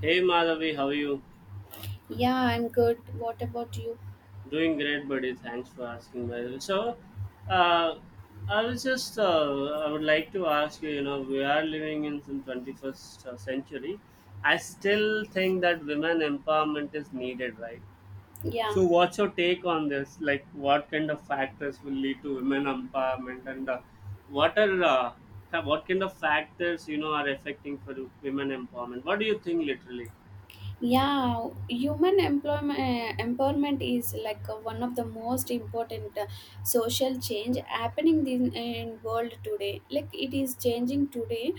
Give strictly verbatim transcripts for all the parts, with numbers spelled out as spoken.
Hey Madhavi, how are you? Yeah, I'm good. What about you? Doing great, buddy. Thanks for asking, by the way. So, uh, I was just, uh, I would like to ask you, you know, we are living in some twenty-first century. I still think that women empowerment is needed, right? Yeah. So, what's your take on this? Like, what kind of factors will lead to women empowerment, and uh, what are, uh, ha- what kind of factors, you know, are affecting for women empowerment? What do you think, literally? yeah human employment empowerment is like uh, one of the most important uh, social change happening in, in world today, like it is changing today,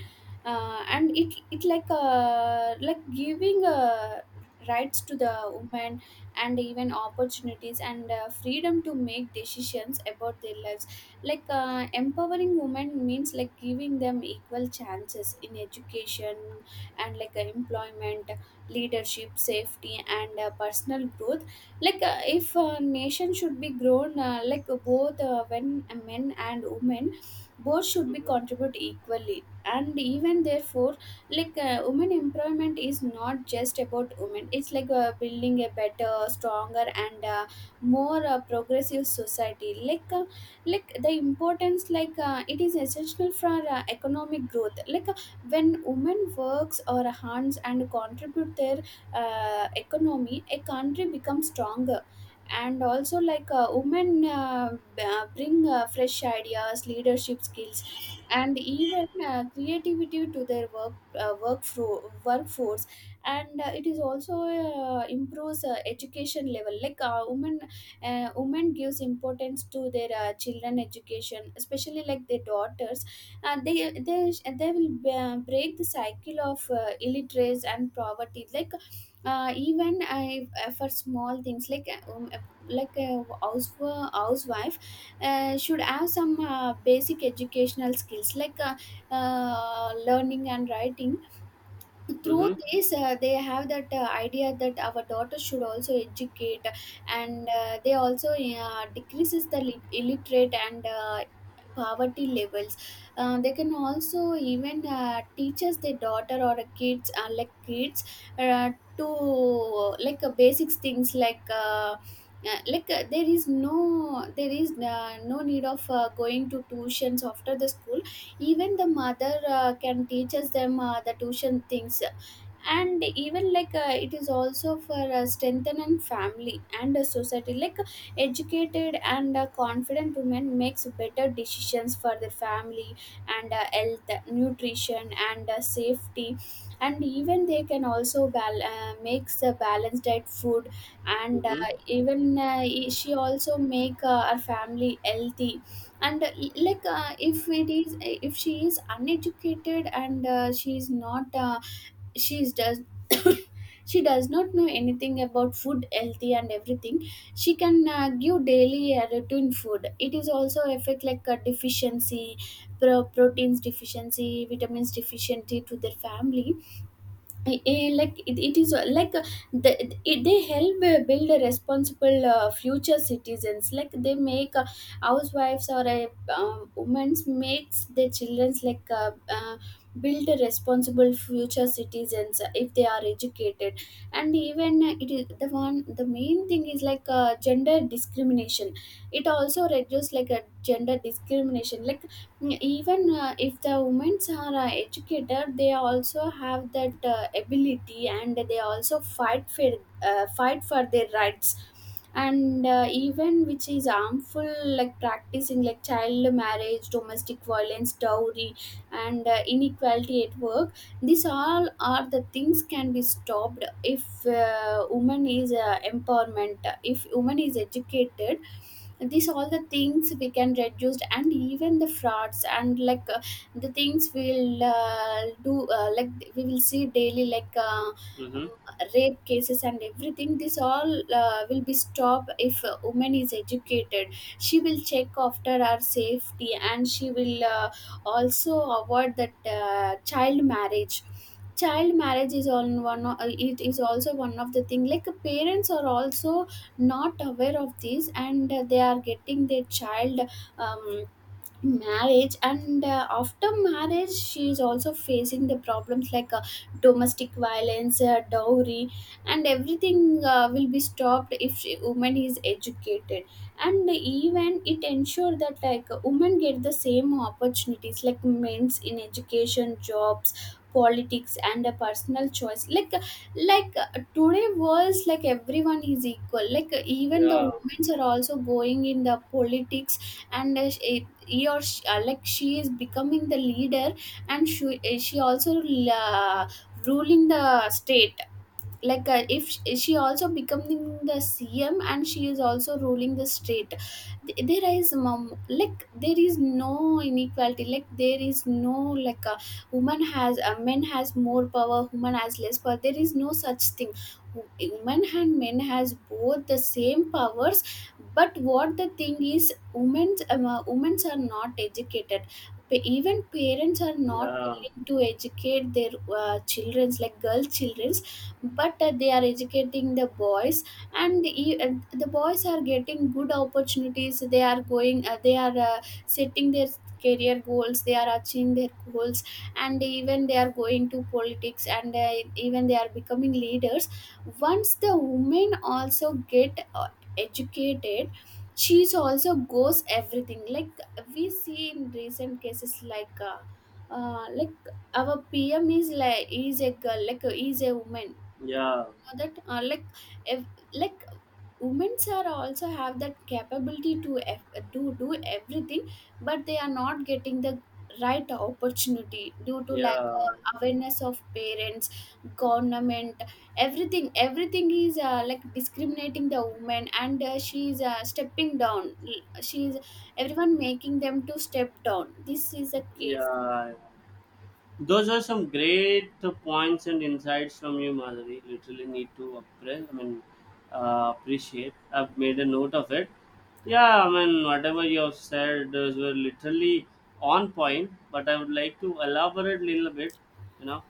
uh, and it it like uh, like giving uh, rights to the women, and even opportunities and uh, freedom to make decisions about their lives. Like uh, empowering women means like giving them equal chances in education and like uh, employment, leadership, safety and uh, personal growth. Like uh, if a nation should be grown, uh, like both uh, when uh, men and women both should be Mm-hmm. contribute equally. And even therefore, like uh, women employment is not just about women, it's like uh, building a better, stronger and uh, more uh, progressive society. Like uh, like the importance, like uh, it is essential for uh, economic growth. Like when women works or hands and contribute their uh, economy, a country becomes stronger. And also, like uh, women uh, b- uh, bring uh, fresh ideas, leadership skills and even uh, creativity to their work uh, work fro- workforce And uh, it is also uh, improves uh, education level. Like uh, women, uh, women gives importance to their uh, children education, especially like their daughters, and they they they will uh, break the cycle of uh, illiteracy and poverty. Like uh, even I, uh, for small things, like uh, um, uh, like a house housewife uh, should have some uh, basic educational skills, like uh, uh, learning and writing. Through Mm-hmm. this, uh, they have that uh, idea that our daughter should also educate. And uh, they also uh, decreases the lit- illiterate and uh, poverty levels. Uh, they can also even uh, teaches their daughter or kids, uh, like kids uh, to like uh, basics things, like uh, uh, like uh, there is no there is uh, no need of uh, going to tuitions after the school. Even the mother uh, can teaches them uh, the tuition things. And even, like uh, it is also for uh, strengthening family and uh, society. Like uh, educated and uh, confident women makes better decisions for their family and uh, health, nutrition and uh, safety. And even they can also bal- uh, makes a balanced diet food. And Mm-hmm. Uh, even uh, e-, she also make uh, her family healthy. And uh, Like uh, if it is if she is uneducated and uh, she is not, uh, she does she does not know anything about food healthy and everything, she can uh, give daily uh, routine food. It is also affect, like a deficiency, pro- proteins deficiency, vitamins deficiency to their family. I- like it, it is uh, like uh, the, it, they help uh, build a responsible uh, future citizens. Like they make uh, housewives or a um, women makes their children's like uh, uh, build a responsible future citizens uh, if they are educated. And even, uh, it is the one, the main thing is like uh, gender discrimination. It also reduces, like a gender discrimination. Like even uh, if the women are uh, educated, they also have that uh, ability and they also fight for uh, fight for their rights. And uh, even which is harmful, like practicing like child marriage, domestic violence, dowry and uh, inequality at work, these all are the things can be stopped if uh, woman is uh, empowerment, if woman is educated. These all the things we can reduce, and even the frauds, and like uh, the things we'll uh, do, uh, like we will see daily, like uh, um, Mm-hmm. rape cases and everything, this all uh, will be stopped if a woman is educated. She will check after our safety, and she will uh, also avoid that uh, child marriage. Child marriage is on one o- it is also one of the thing, like parents are also not aware of this and they are getting their child um, marriage. And uh, after marriage she is also facing the problems, like uh, domestic violence, uh, dowry and everything uh, will be stopped if she, woman is educated. And even it ensure that, like women get the same opportunities like men's in education, jobs, politics and a personal choice. Like like uh, today was, like everyone is equal, like even the Yeah, women are also going in the politics. And uh, she, he or she, uh, like she is becoming the leader, and she, uh, she also uh, ruling the state. Like uh, if sh- she also becoming the CM, and she is also ruling the state. Th- there is mom, like there is no inequality, like there is no like a woman has a men has more power, woman has less power, there is no such thing. Wo- women and men has both the same powers. But what the thing is, women's um, uh, women's are not educated. Pa- even parents are not yeah, willing to educate their uh, children's, like girl children, but uh, they are educating the boys. And e- uh, the boys are getting good opportunities, they are going, uh, they are uh, setting their career goals, they are achieving their goals, and even they are going to politics, and uh, even they are becoming leaders. Once the women also get uh, educated, she's also goes everything. Like we see in recent cases, like uh, uh, like our PM is, like is a girl, like uh, is a woman. yeah, That uh, like if, like women's are also have that capability to eff to do everything, but they are not getting the right opportunity due to lack yeah, of awareness of parents, government. Everything everything is uh, like discriminating the woman, and uh, she is uh, stepping down. She is Everyone making them to step down. This is a case. yeah. Those are some great points and insights from you, Madhuri. Literally need to appreciate. I mean, uh, appreciate. I've made a note of it. Yeah, I mean, whatever you have said, those were literally on point. But I would like to elaborate a little bit. You know,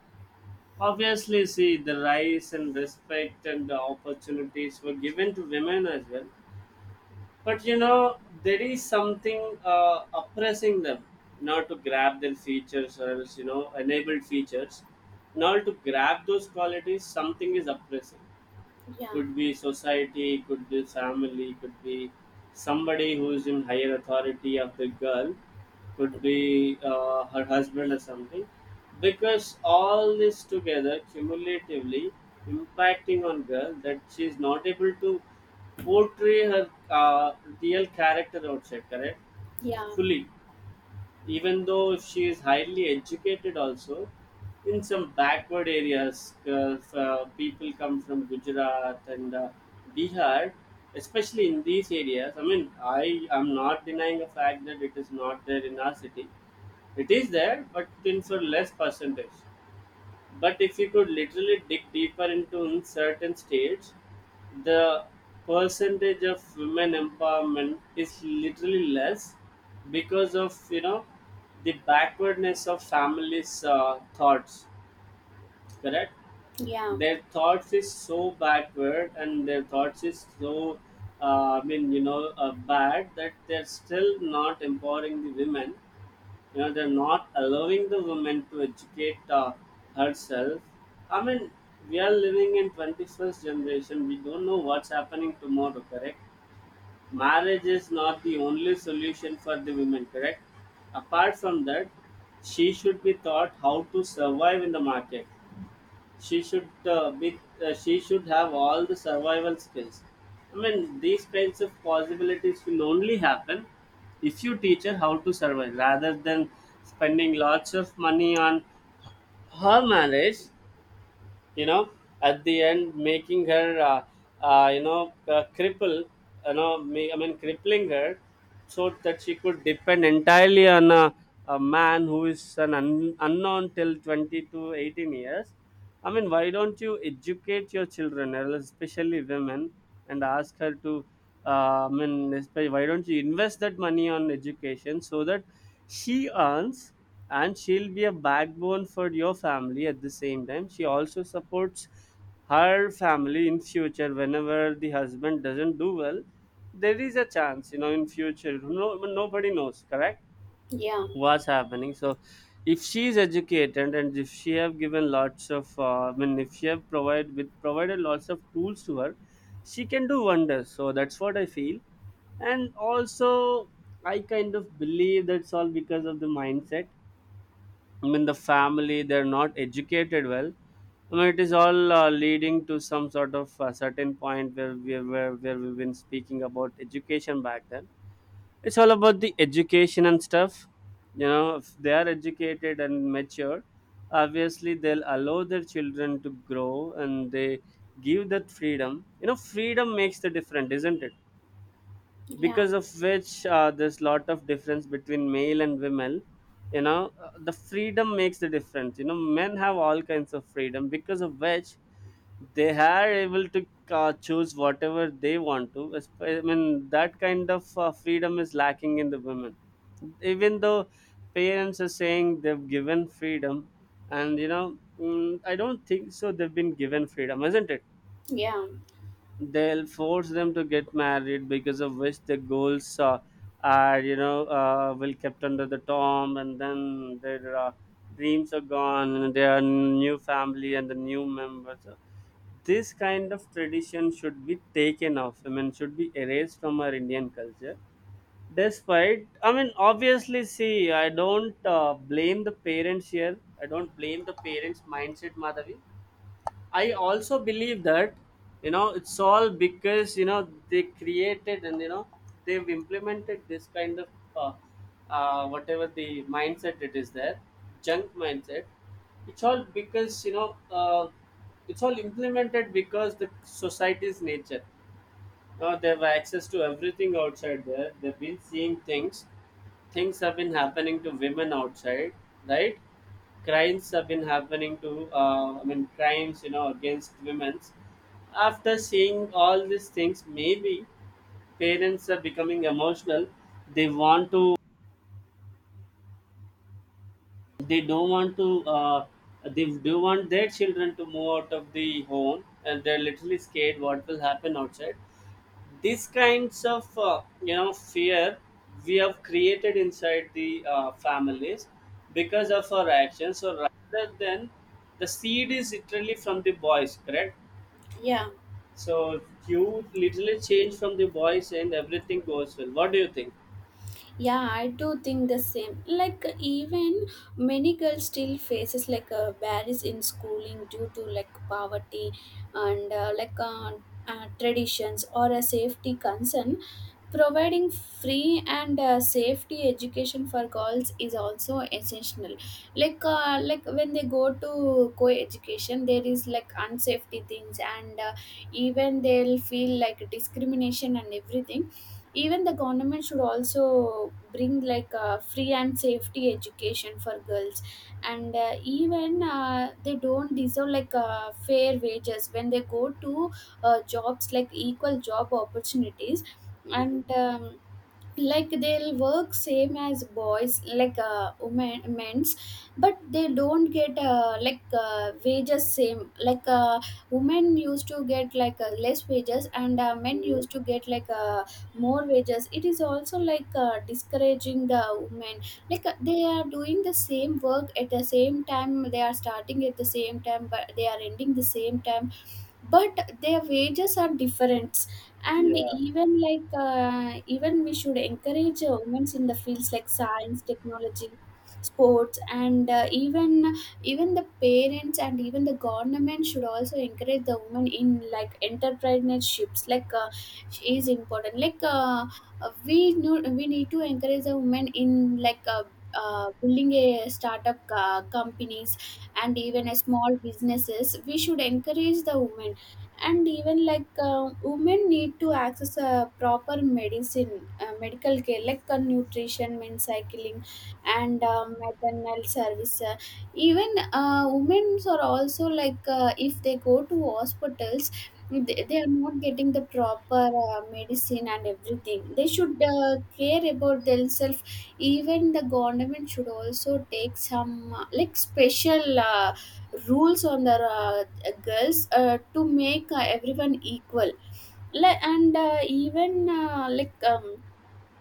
obviously, see the rise and respect and the opportunities were given to women as well. But you know, there is something uh, oppressing them, not to grab their features or else, you know, enabled features. Not to grab those qualities, something is oppressing. Yeah, Could be society, could be family, could be somebody who is in higher authority of the girl, could be uh, her husband or something. Because all this together cumulatively impacting on girl that she is not able to portray her uh, real character outside, correct? yeah, Fully, even though if she is highly educated also, in some backward areas uh, f- uh, people come from Gujarat and uh, Bihar. Especially in these areas, I mean, I am not denying the fact that it is not there in our city. It is there, but in for less percentage. But if you could literally dig deeper into in certain states, the percentage of women empowerment is literally less because of, you know, the backwardness of families' uh, thoughts. Correct. yeah, Their thoughts is so backward and their thoughts is so uh, I mean, you know, uh, bad that they're still not empowering the women. You know, they're not allowing the women to educate uh, herself. I mean, we are living in twenty-first generation. We don't know what's happening tomorrow, correct? Marriage is not the only solution for the women, correct? Apart from that, she should be taught how to survive in the market. She should uh, be, uh, she should have all the survival skills. I mean, these kinds of possibilities will only happen if you teach her how to survive rather than spending lots of money on her marriage, you know, at the end making her uh, uh, you know, uh, cripple. You know, ma- I mean, crippling her so that she could depend entirely on a, a man who is an un- unknown till twenty to eighteen years. I mean, why don't you educate your children, especially women, and ask her to uh, I mean, espe- why don't you invest that money on education so that she earns and she'll be a backbone for your family. At the same time, she also supports her family in future whenever the husband doesn't do well. There is a chance, you know, in future. No, nobody knows, correct? yeah, What's happening. So if she is educated and if she have given lots of uh, I mean, if she have provide with provided lots of tools to her, she can do wonders. So that's what I feel. And also, I kind of believe that's all because of the mindset. I mean, the family, they're not educated well. I mean, it is all uh, leading to some sort of a certain point where we where, where we've been speaking about education back then. It's all about the education and stuff. You know, if they are educated and mature, obviously they'll allow their children to grow and they give that freedom. You know, freedom makes the difference, isn't it? yeah, Because of which uh, there's lot of difference between male and women. You know, Uh, the freedom makes the difference. You know, men have all kinds of freedom because of which they are able to uh, choose whatever they want to. Esp- I mean, that kind of uh, freedom is lacking in the women, even though parents are saying they've given freedom. And you know, mm, I don't think so they've been given freedom, isn't it? yeah, They'll force them to get married because of which the goals uh, are, you know, uh, will kept under the tomb. And then their uh, dreams are gone and they new family and the new members. So this kind of tradition should be taken off. I mean, should be erased from our Indian culture. Despite, I mean, obviously, see I don't uh, blame the parents here. I don't blame the parents mindset, Madhavi. I also believe that, you know, it's all because, you know, they created and you know they've implemented this kind of uh, uh, whatever the mindset it is there, junk mindset. It's all because, you know, uh, it's all implemented because the society's nature. Now they have access to everything outside there. They've been seeing things. Things have been happening to women outside, right? Crimes have been happening to, uh, I mean, crimes, you know, against women. After seeing all these things, maybe parents are becoming emotional. They want to, they don't want to, uh, they do want their children to move out of the home, and they're literally scared what will happen outside. These kinds of uh, you know, fear we have created inside the uh, families because of our actions. So rather than, the seed is literally from the boys, correct? yeah, So you literally change from the boys and everything goes well. What do you think? yeah, I do think the same. Like even many girls still faces like a barriers in schooling due to like poverty and uh, like uh, uh, traditions or a safety concern. Providing free and uh, safety education for girls is also essential. Like uh, like when they go to co-education, there is like unsafety things, and uh, even they'll feel like discrimination and everything. Even the government should also bring like uh, free and safety education for girls, and uh, even uh, they don't deserve like uh, fair wages when they go to uh, jobs, like equal job opportunities. Hmm. And um, Like they'll work same as boys, like uh, women, men's, but they don't get uh, like uh, wages same, like uh, women used to get like uh, less wages, and uh, men Hmm. used to get like uh, more wages. It is also like uh, discouraging the women. Like uh, they are doing the same work, at the same time they are starting at the same time, but they are ending the same time, but their wages are different. And Yeah. even, like uh, even we should encourage uh, women in the fields like science, technology, sports, and uh, even even the parents and even the government should also encourage the women in like entrepreneurships. Like uh, is important. Like uh, uh, we know we need to encourage the women in like uh, uh, building a startup uh, companies, and even a small businesses we should encourage the women. And even, like uh, women need to access a proper medicine, uh, medical care, like uh, nutrition, men's cycling, and uh, maternal service. Uh, even, uh, women are also like uh, if they go to hospitals, they, they are not getting the proper uh, medicine and everything. They should uh, care about themselves. Even the government should also take some uh, like special uh, rules on the uh, girls uh, to make uh, everyone equal. Like and uh, even uh, like um,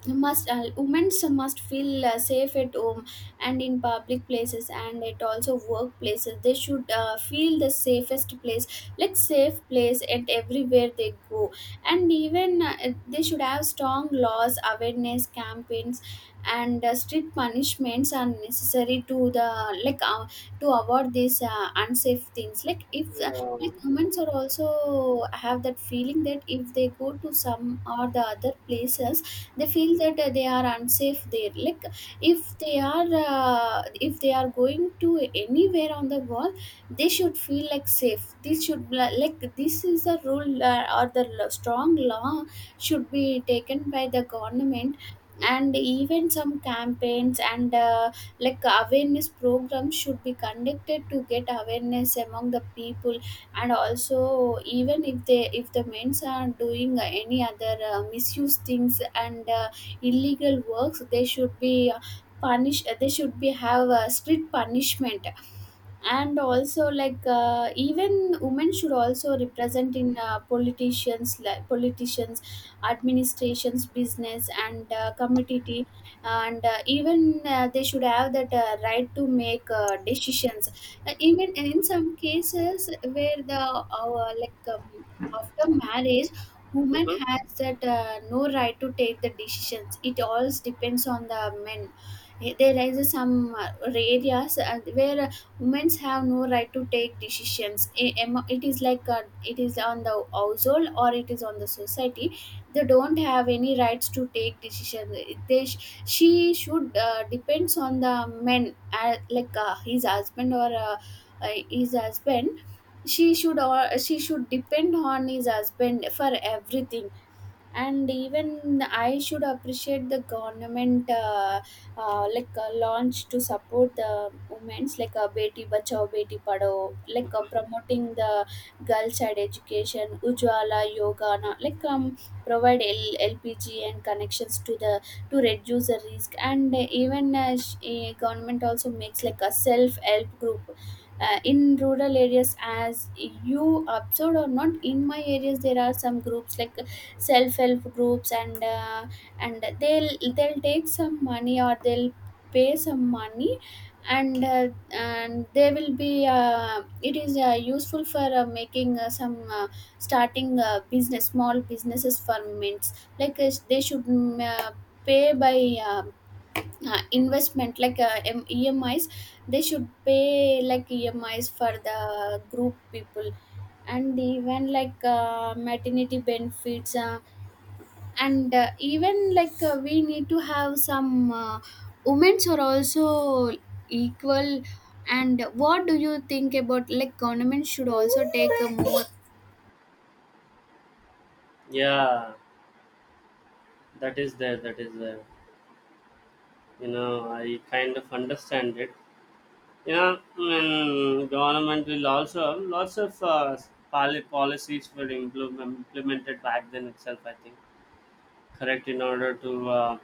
must, uh, women must feel uh, safe at home, and in public places, and at also workplaces, they should uh, feel the safest place, like safe place at everywhere they go. And even, uh, they should have strong laws, awareness campaigns and uh, strict punishments are necessary to the, like uh, to avoid these uh, unsafe things. Like if uh, like women are also have that feeling that if they go to some or the other places, they feel that uh, they are unsafe there. Like if they are uh, if they are going to anywhere on the wall, they should feel like safe. This should be li- like, this is a rule uh, or the l- strong law should be taken by the government. And even some campaigns and uh, like awareness programs should be conducted to get awareness among the people. And also, even if they if the men's are doing uh, any other uh, misuse things and uh, illegal works, they should be uh, punished, they should be have a strict punishment. And also, like uh, even women should also represent in uh, politicians like politicians, administrations, business and uh, community. And uh, even uh, They should have that uh, right to make uh, decisions. Uh, even in some cases where the uh, like um, after marriage woman Hmm. has that uh, no right to take the decisions. It all depends on the men. There is some uh, areas uh, where women have no right to take decisions. I- am- it is like uh, it is on the household or it is on the society. They don't have any rights to take decisions. They sh- she should uh, depends on the men, uh, like uh, his husband or uh, uh, his husband She should or she should depend on his husband for everything. And even I should appreciate the government, uh, uh, like uh, launch to support the women's, like a uh, beti bachao beti padhao, like uh, promoting the girl child education, ujwala yoga na- like um, provide L- lpg and connections to the to reduce the risk. And uh, even uh, sh- uh, government also makes like a self help group uh, in rural areas. As you observed or not, in my areas there are some groups like self-help groups. And uh, and they'll they'll take some money or they'll pay some money. And uh, and they will be uh, it is uh, useful for uh, making uh, some uh, starting uh, business, small businesses for mints. Like uh, they should, mm, uh, pay by uh, uh, investment, like uh, em- emis. They should pay like emis for the group people. And even like uh, maternity benefits, uh, and uh, even like uh, we need to have some uh, women's are also equal. And what do you think about, like, government should also take a more. Yeah, that is there. That is there. You know, I kind of understand it. You know, and government will also lots of uh, poli- policies were implement, implemented back then itself, I think, correct, in order to uh,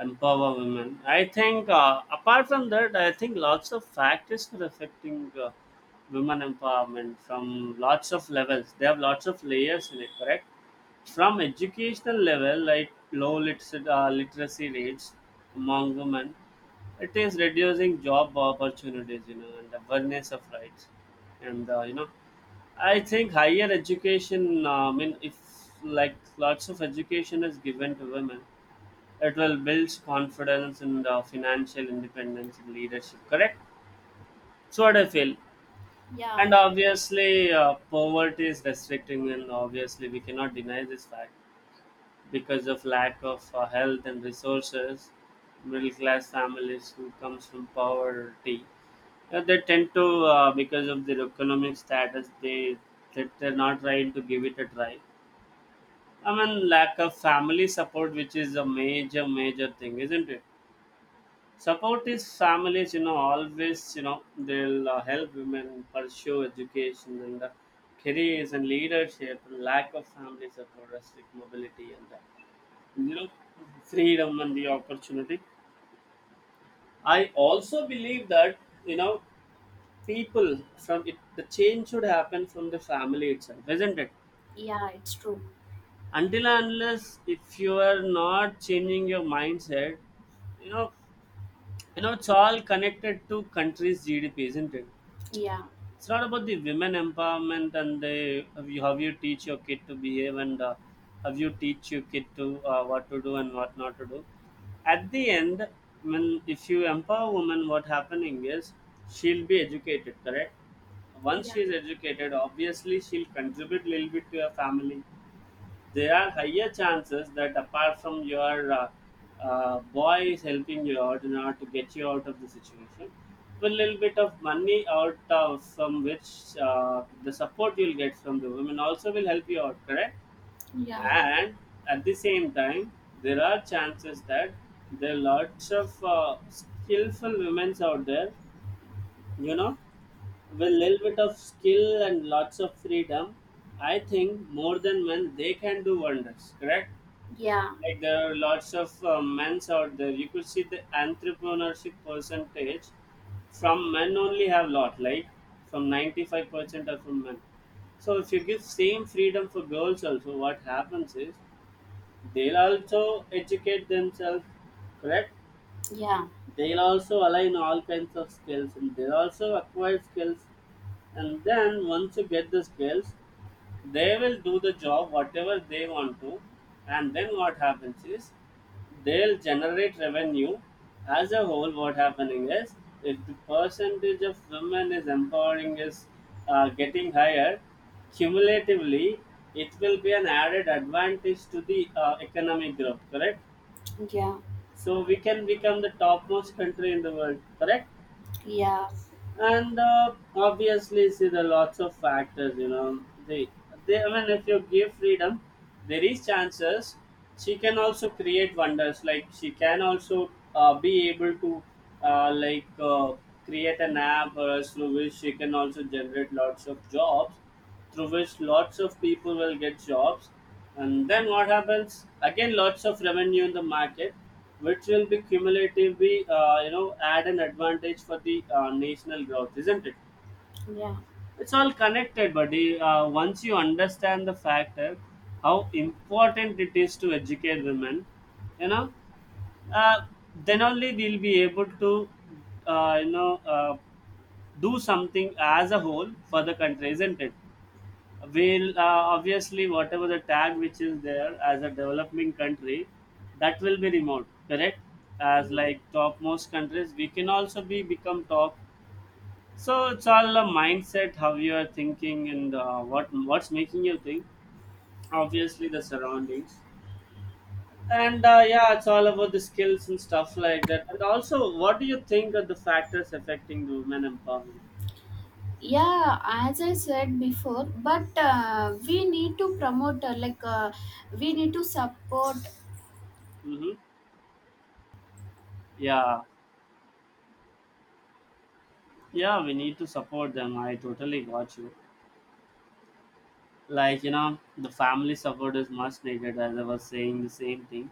empower women. I think uh, apart from that, I think lots of factors are affecting uh, women empowerment from lots of levels. They have lots of layers in it, correct? From educational level, like low liter- uh, literacy rates among women. It is reducing job opportunities, you know, and awareness of rights and uh, you know, I think higher education, uh, I mean, if like lots of education is given to women, it will build confidence and uh, financial independence and leadership, correct? So, what I feel. Yeah, And obviously, uh, poverty is restricting, and obviously, we cannot deny this fact because of lack of uh, health and resources. Middle class families who comes from poverty, uh, they tend to, uh, because of their economic status, they, they they're not trying to give it a try. I mean, lack of family support, which is a major, major thing, isn't it? Support is families, you know, always, you know, they'll uh, help women pursue education and uh, careers and leadership. Lack of family support, restrict mobility, and uh, you know, freedom and the opportunity. I also believe that, you know, people from it, the change should happen from the family itself, isn't it? yeah, it's true. Until and unless if you are not changing your mindset, you know, you know it's all connected to country's G D P, isn't it? Yeah. It's not about the women empowerment and the how you, how you teach your kid to behave and uh, how you teach your kid to uh, what to do and what not to do. At the end, when if you empower women, what happening is she'll be educated, correct? Once Yeah, she is educated, obviously she'll contribute a little bit to your family. There are higher chances that apart from your uh, uh, boy is helping you out in order to get you out of the situation, with a little bit of money out of from which uh, the support you'll get from the women also will help you out, correct? yeah, And at the same time, there are chances that there are lots of uh, skillful women out there, you know, with little bit of skill and lots of freedom. I think more than men they can do wonders, correct? yeah, Like there are lots of uh, men's out there. You could see the entrepreneurship percentage from men only have lot, like from ninety-five percent are from men. So if you give same freedom for girls also, what happens is they'll also educate themselves, correct? yeah, They'll also align all kinds of skills and they'll also acquire skills. And then once you get the skills, they will do the job whatever they want to. And then what happens is they'll generate revenue. As a whole, what happening is, if the percentage of women is empowering is uh, getting higher cumulatively, it will be an added advantage to the uh, economic growth, correct? yeah, So we can become the topmost country in the world, correct? yeah, And uh, obviously, see the lots of factors. You know, they, they. I mean, if you give freedom, there is chances she can also create wonders. Like she can also uh, be able to uh, like uh, create an app or else through which she can also generate lots of jobs through which lots of people will get jobs. And then what happens? Again, lots of revenue in the market, which will be cumulatively uh, you know add an advantage for the uh, national growth, isn't it? yeah. It's all connected, buddy. Uh, once you understand the factor, how important it is to educate women, you know uh, then only we'll be able to uh, you know uh, do something as a whole for the country, isn't it? Will uh, obviously whatever the tag which is there as a developing country, that will be removed, correct? As Mm. like topmost countries, we can also be become top. So it's all a mindset, how you are thinking and uh, what what's making you think. Obviously the surroundings. And uh, yeah, it's all about the skills and stuff like that. And also, what do you think are the factors affecting the women empowerment? Yeah, as I said before, but uh, we need to promote, uh, like uh, we need to support. Mm-hmm. Yeah. Yeah, we need to support them, I totally got you. Like, you know, the family support is much needed, as I was saying the same thing.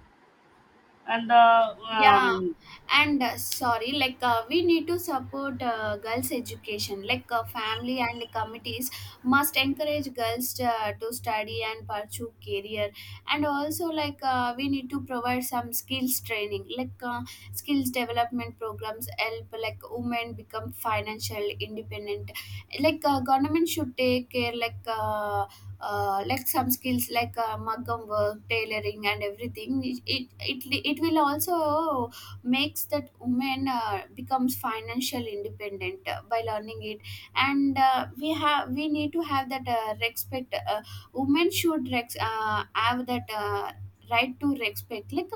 And uh, Yeah. Um, and uh, sorry, like uh, we need to support uh, girls education. Like uh, family and committees must encourage girls uh, to study and pursue career. And also like uh, we need to provide some skills training, like uh, skills development programs help like women become financial independent. Like uh, government should take care, like uh, uh, like some skills like uh, mugam work, tailoring and everything. It it, it li- it will also makes that woman uh, becomes financial independent uh, by learning it. And uh, we have we need to have that uh, respect. Uh, women should rex- uh, have that uh, right to respect. Like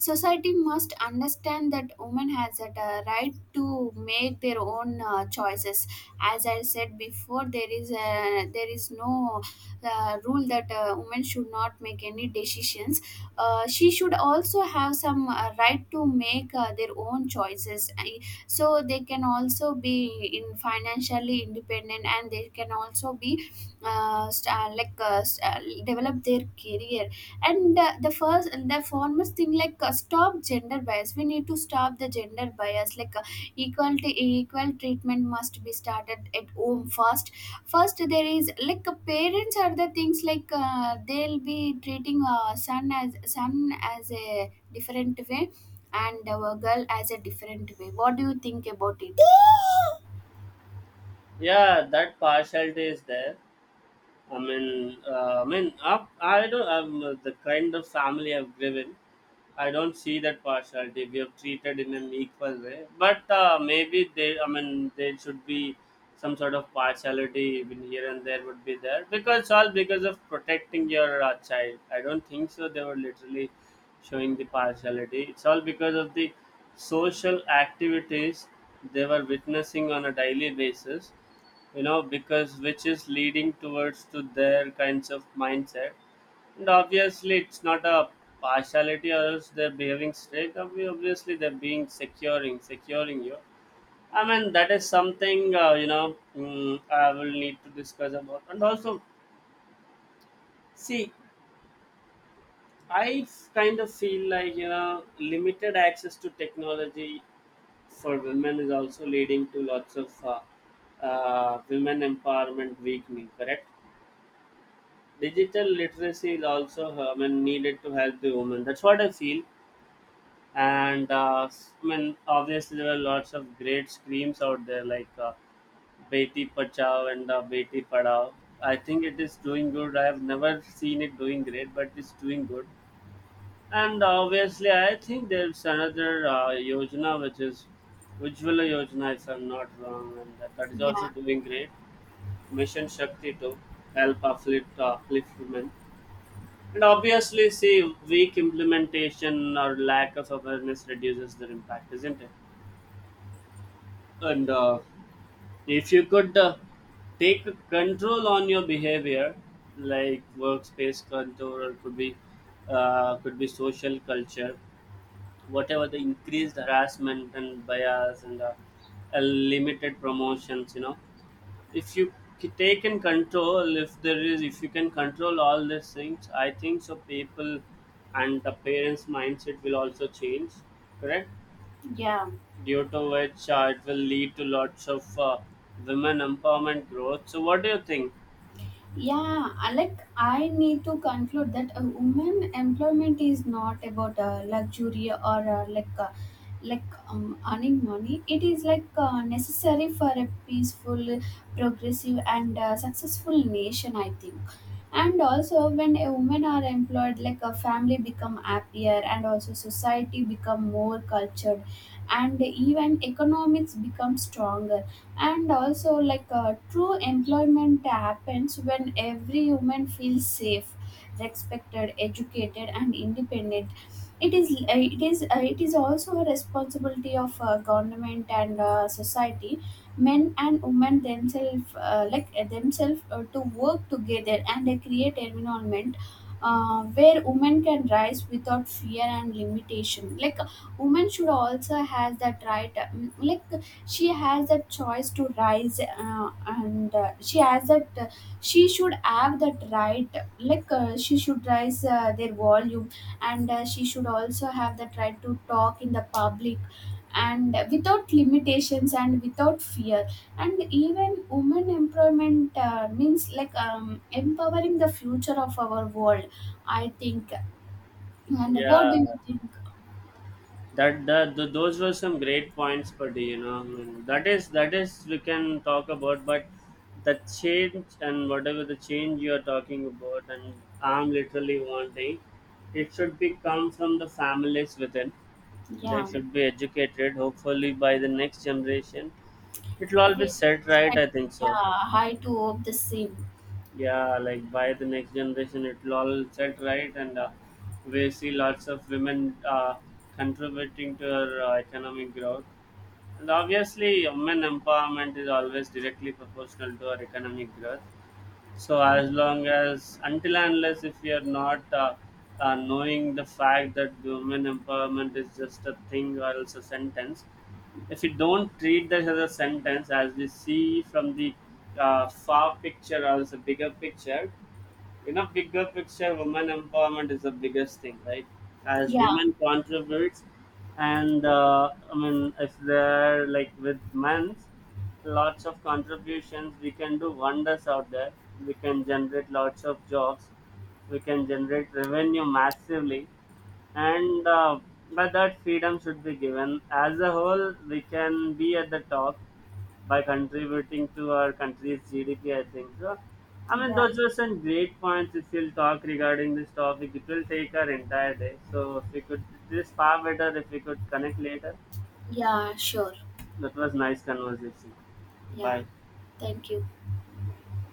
society must understand that women has that uh, right to make their own uh, choices. As I said before, there is a, there is no the rule that a woman should not make any decisions. Uh, she should also have some uh, right to make uh, their own choices. I- so they can also be in financially independent, and they can also be uh, st- uh, like uh, st- uh, develop their career. And uh, the first, the foremost thing, like uh, stop gender bias. We need to stop the gender bias, like equal to equal treatment must be started at home first. First there is like uh, parents are the things, like uh, they'll be treating uh, son as son as a different way and our girl as a different way. What do you think about it? yeah, that partiality is there. I mean, uh, I mean, I, I don't. I'm uh, the kind of family I've driven. I don't see that partiality. We have treated in an equal way, but uh, maybe they. I mean, there should be some sort of partiality even here and there would be there because it's all because of protecting your uh, child. I don't think so. They were literally showing the partiality. It's all because of the social activities they were witnessing on a daily basis, you know, because which is leading towards to their kinds of mindset. And obviously it's not a partiality or else they're behaving straight. Obvi- obviously they're being securing securing you. I mean, that is something, uh, you know, mm, I will need to discuss about. And also, see, I f- kind of feel like, you know, limited access to technology for women is also leading to lots of uh, uh, women empowerment weakening, correct? Digital literacy is also uh, I mean needed to help the women. That's what I feel. And uh, s- I mean, obviously, there are lots of great screams out there, like uh, Beti Pachao and uh, Beti Padao. I think it is doing good. I have never seen it doing great, but it's doing good. And obviously, I think there's another uh, Yojana, which is Ujjwala Yojana, if I'm not wrong, and that, that is also Yeah. doing great. Mission Shakti to help uplift, uh, uplift women. And obviously, see, weak implementation or lack of awareness reduces their impact, isn't it? And uh, if you could uh, take control on your behavior, like workspace control, or could be uh, could be social culture, whatever the increased harassment and bias and uh, uh, limited promotions, you know, if you c- take in control, if there is, if you can control all these things, I think so people and the parents mindset will also change, correct? Due to which uh, it will lead to lots of uh, women empowerment growth. So what do you think? Yeah, I- like I need to conclude that a woman employment is not about uh, luxury or uh, like uh, like um, earning money. It is like uh, necessary for a peaceful, progressive, and uh, successful nation, I think. And also, when a woman are employed, like a family become happier, and also society become more cultured, and even economics become stronger. And also like uh, true employment happens when every human feels safe, respected, educated and independent. It is uh, it is uh, it is also a responsibility of uh, government and uh, society, men and women themselves uh, like uh, themselves uh, to work together and they create environment uh, where women can rise without fear and limitation. Like women should also has that right, mm, like she has that choice to rise, uh, and uh, she has that uh, she should have that right. Like uh, she should rise uh, their volume. And uh, she should also have that right to talk in the public, and without limitations and without fear. And even women employment uh, means like um, empowering the future of our world, I think. And what do you Yeah, think? that that th- those were some great points, but you know, mm, that is that is we can talk about. But the change, and whatever the change you are talking about, and I'm literally wanting, it should be come from the families within. They Yeah. should be educated, hopefully by the next generation it will all Well, be set it's right, like, I think so. yeah, high to hope the same. Yeah, like by the next generation it will all set right. And uh, we see lots of women uh, contributing to our uh, economic growth. And obviously, women empowerment is always directly proportional to our economic growth. So, Yeah, as long as, until and unless if we are not uh, uh, knowing the fact that women empowerment is just a thing or else a sentence, if you don't treat that as a sentence as we see from the uh, far picture or as a bigger picture, you know, bigger picture, women empowerment is the biggest thing, right? As yeah, women contributes, and uh, I mean if they're like with men, lots of contributions, we can do wonders out there. We can generate lots of jobs, we can generate revenue massively. And uh, but that freedom should be given as a whole, we can be at the top by contributing to our country's G D P, I think so. I mean, yeah. those were some great points. If you'll talk regarding this topic it will take our entire day, so if we could, it is far better if we could connect later. Yeah, sure. That was nice conversation. Yeah, Bye. thank you.